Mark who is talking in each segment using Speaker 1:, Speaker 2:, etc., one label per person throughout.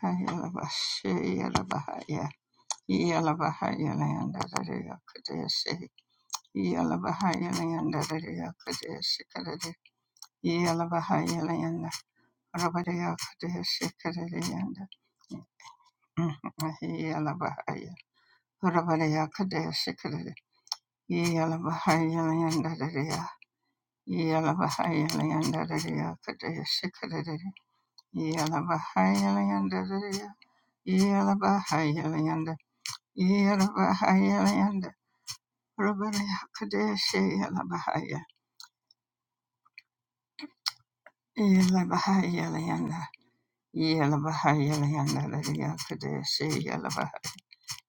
Speaker 1: Hiyala bahihiyala bahiya hiyala bahiya nayanda rereya kudehihiyala bahiya nayanda rereya kudehihiyala bahiya nayanda rereya kudehihiyala bahiya nayanda rereya hiyala bahiya nayanda rereya hiyala bahiya nayanda Yelabahayalayanda, Rubalakadeshe Yelabahaya, Yelabahayalayanda, Yelabahayalayanda, Ladiakadeshe Yelabaha,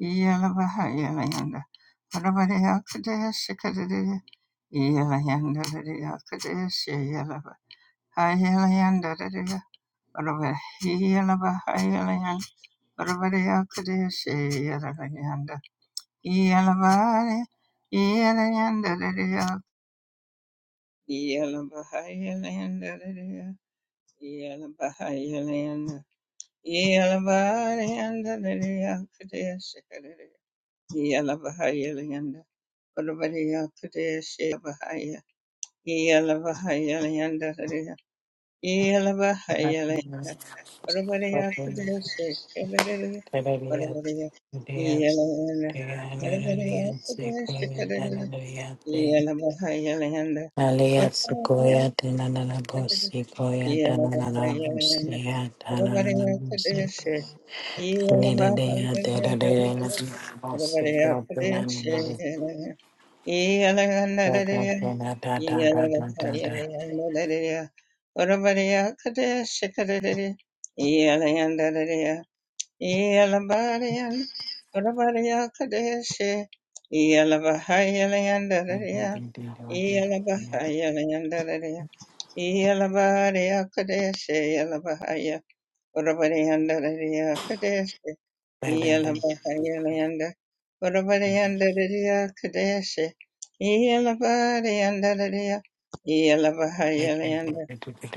Speaker 1: Yelabahayalayanda, Rubalakadeshe Kadadidi, Yelayanda, Ladiakadeshe Yelaba, Hayalayanda, Ladia, Rubahayalabahayalayanda, Rubalakadeshe Yelabayanda, Yelabari, Yelayanda, Ladia, Yeah,
Speaker 2: Hallelujah.
Speaker 1: Yeah. Yalabarian, Rabaria Kadeshi, Yalabahayalandaria, Yalabahayalandaria, Yalabaria Kadeshi, Yalabahaya, Rabariandaria Kadeshi, Yalabahayalanda, Rabariandaria Kadeshi, Yalabariandaria, Yalabahayalanda,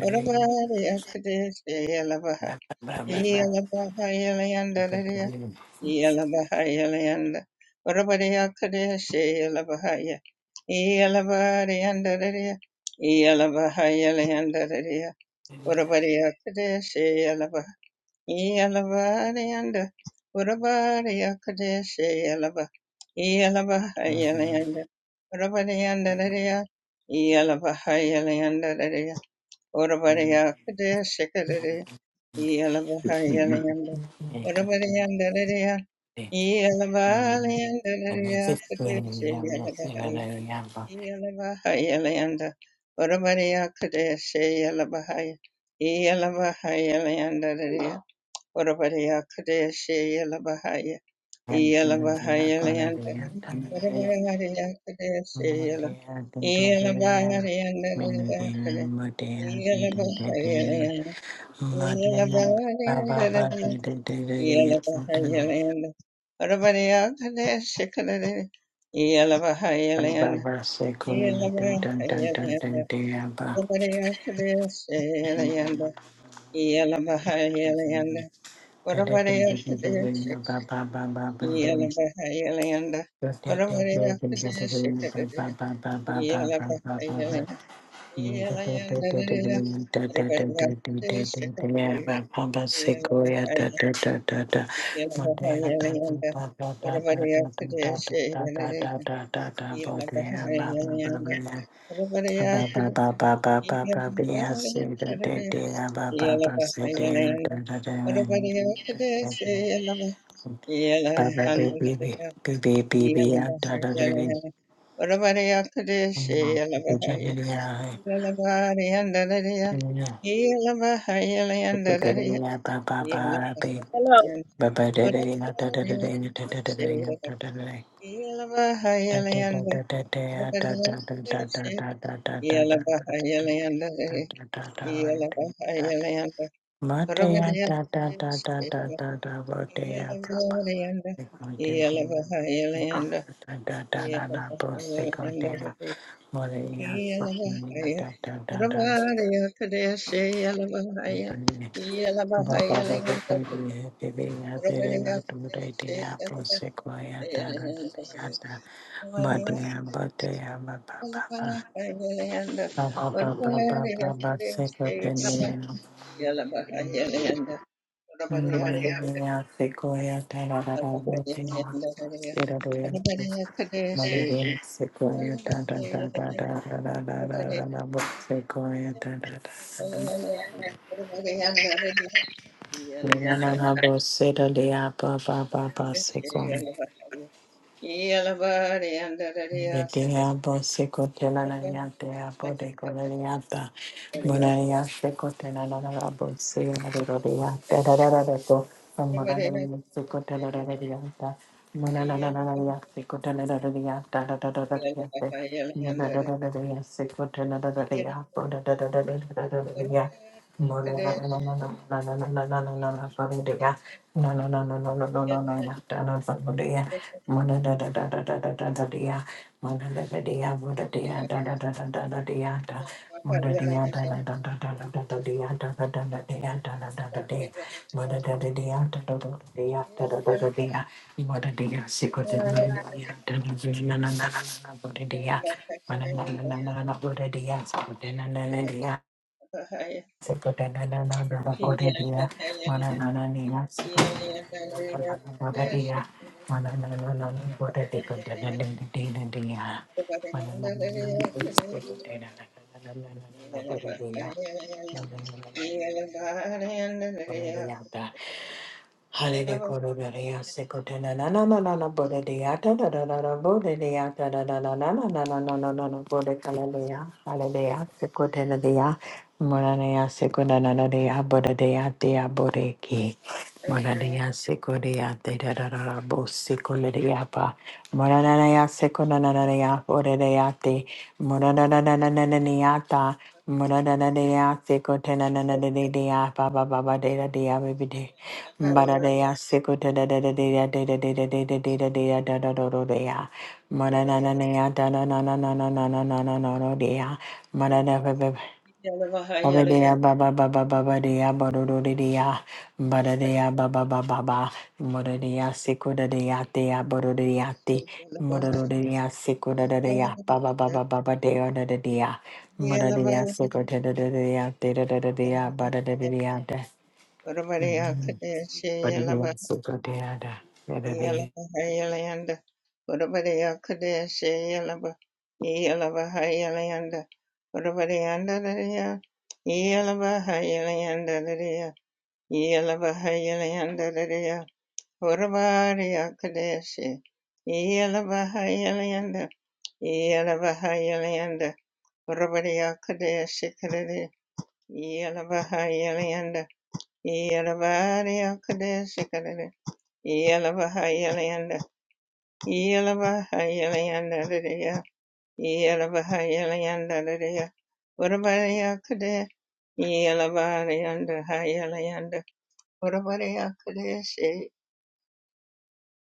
Speaker 1: Rabaria Kadeshi, Yalabaha,
Speaker 2: Baba
Speaker 1: Yalabahayalandaria. Yalabahayalayanda. Varabadayakadeshe Yalabahaya. Yalabadayandadadaya. Yalabahayalayandaraya. Varabadayakadeshe Yalabaha. Yalabadayanda. Varabadayakadeshe Yalaba. Yalabahayalayanda. Varabadayandadadaya. Orabariya Kudaya Shikaraya Yalabahayalayanda Orabariyandalaya Yalabahayalayandalaya Kudaya Shayalabahaya Yalabahayalayanda Orabariya Kudaya Shayalabahaya Yalabahayalayandalaya Orabariya Kudaya Shayalabahaya Yellow, Yeah,
Speaker 2: Baba baby baby baby baby da da da
Speaker 1: Ora bariya
Speaker 2: Maria,
Speaker 1: kudeshe,
Speaker 2: fucking,
Speaker 3: Hello.
Speaker 1: Yellow,
Speaker 2: da
Speaker 1: Yelavahaya,
Speaker 2: da da
Speaker 1: Rabahaya, Kadeshe, Yelavahaya,
Speaker 2: da.
Speaker 1: Yelavahaya,
Speaker 2: Baba baba
Speaker 1: Lingam,
Speaker 2: kali hai baby ya tere na
Speaker 1: Rabahaya,
Speaker 2: tumre
Speaker 1: Kadeshe,
Speaker 2: diya
Speaker 1: Yelavahaya,
Speaker 2: puse ko ya tara ya
Speaker 1: Yelavahaya, Lingam,
Speaker 2: ta mate
Speaker 1: Rabahaya,
Speaker 2: ya bate ya baba baba
Speaker 1: Kadeshe, Yelavahaya,
Speaker 2: baba baba baba baba se ko tene
Speaker 1: Lingam,
Speaker 2: ya se ko ya tara ra ra mate ya tera do ya
Speaker 1: Rabahaya,
Speaker 2: mate
Speaker 1: Kadeshe,
Speaker 2: ya se ko ya tara ra ra ra ra
Speaker 1: Yelavahaya,
Speaker 2: ra ra ra ra ra bo
Speaker 1: Lingam,
Speaker 2: se ko ya tara ra ra na na na bo se da ya baba baba se The diabo seco telanayante abo de coloniata. Monaria seco telanabo sea de rodia. Tadaraco. Monaria seco
Speaker 1: Yeah.
Speaker 2: telanarianta. Monanaria seco telanarianta. Tadaradia seco telanarianta.
Speaker 1: Yeah.
Speaker 2: Mana Manana Hallelujah. Hallelujah. Hallelujah. Sekotena na na na na na bode de ya ta da da da da bode de ya ta da da da na na na na na na na na bode hallelujah. Hallelujah. Sekotena de ya. Morana ya sekona na na de ya bode de ya bode ki. Mananaya sekoya de da da da da bo sekoya pa. Mananaya sekonanaya oreya te. Mananaya ta. Mananaya sekotenanaya pa pa pa pa de da de ya baby de. Mananaya sekotena de de de ya de de de de de de de de de ya da da da da de ya. Mananaya da na na na na na na na na na na na na de ya.
Speaker 1: Hallelujah.
Speaker 2: Mananaya. Obadiah, ba ba ba ba ba ba dia, ba do do di dia, ba da dia, ba ba ba ba ba, mo da dia, siku da dia, dia, ba do di dia, ti, mo da do di dia, siku da da dia, ba ba ba ba ba ba dia, da da dia, mo da dia, siku da da da dia, ti da da da dia, ba da da da dia, da, ba da dia, siku da da, da da dia.
Speaker 1: Yelabahayalanda, Utabadiya Kadeshi Yelaba, Yelabahayalanda, Utabadiyanda Dadiya, Yelabahayalanda Dadiya, Yelabahayalanda Dadiya, Utabadiya Kadeshi, Yelabahayalanda, Yelabahayalanda, Utabadiya Kadeshi Kadadi, Yelabahayalanda, Yelabadiya Kadeshi Kadadi, Yelabahayalanda, Yelabahayalayandadadaya, Yelabahayalayandadadaya, Urabadayakade, Yelabadayandahayalayanda, Urabadayakadeshe,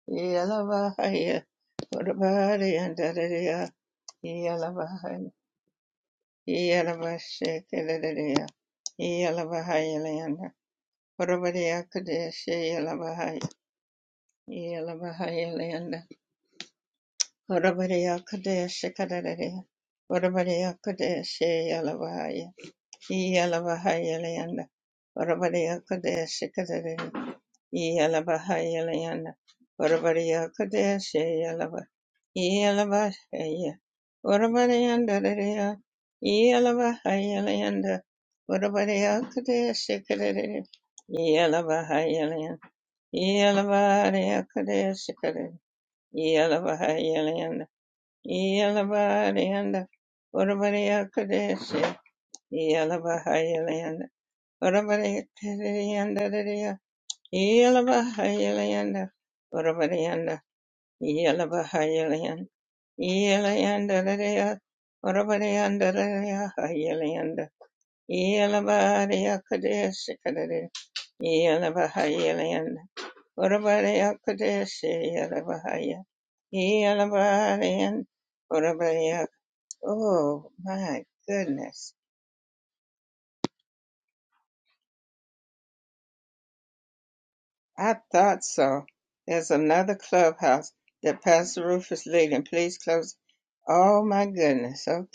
Speaker 1: Yelabahaya, Urabadayandadadaya, Yelabahaya, Yelabashakadadadaya, Yelabahayalayanda, Urabadayakadeshe, Yelabahaya, Yelabahayalayanda, Orabariya Kadesha Kadadaya. Orabariya Kadesha Yalavaya. Yalavahaya Layanda. Orabariya Kadesha Kadadaya. Yalavahaya Layanda. Orabariya Kadesha Yalava. Yalavahaya. Orabariyanda Dadaya. Yalavahaya Layanda. Orabariya Kadesha Kadadaya. Yalavahaya Layanda. Yalavahaya Kadesha Kadadaya. Yalavahaya Layanda. Yalabariyanda, Urabariya Kadeshi, Yalabahayalayanda, Urabariya Kadiriyanda Dadiya, Yalabahayalayanda, Urabariyanda, Yalabahayalayanda, Yalayanda Dadiya, Urabariyanda Dadiya, Hayalayanda, Yalabariya Kadeshi Kadari, Yalabahayalayanda, Urabariya Kadeshi, Yalabahaya, Yalabariyanda, Oh my goodness. I thought so. There's another clubhouse that Pastor Rufus leading. Please close. Oh my goodness. Okay.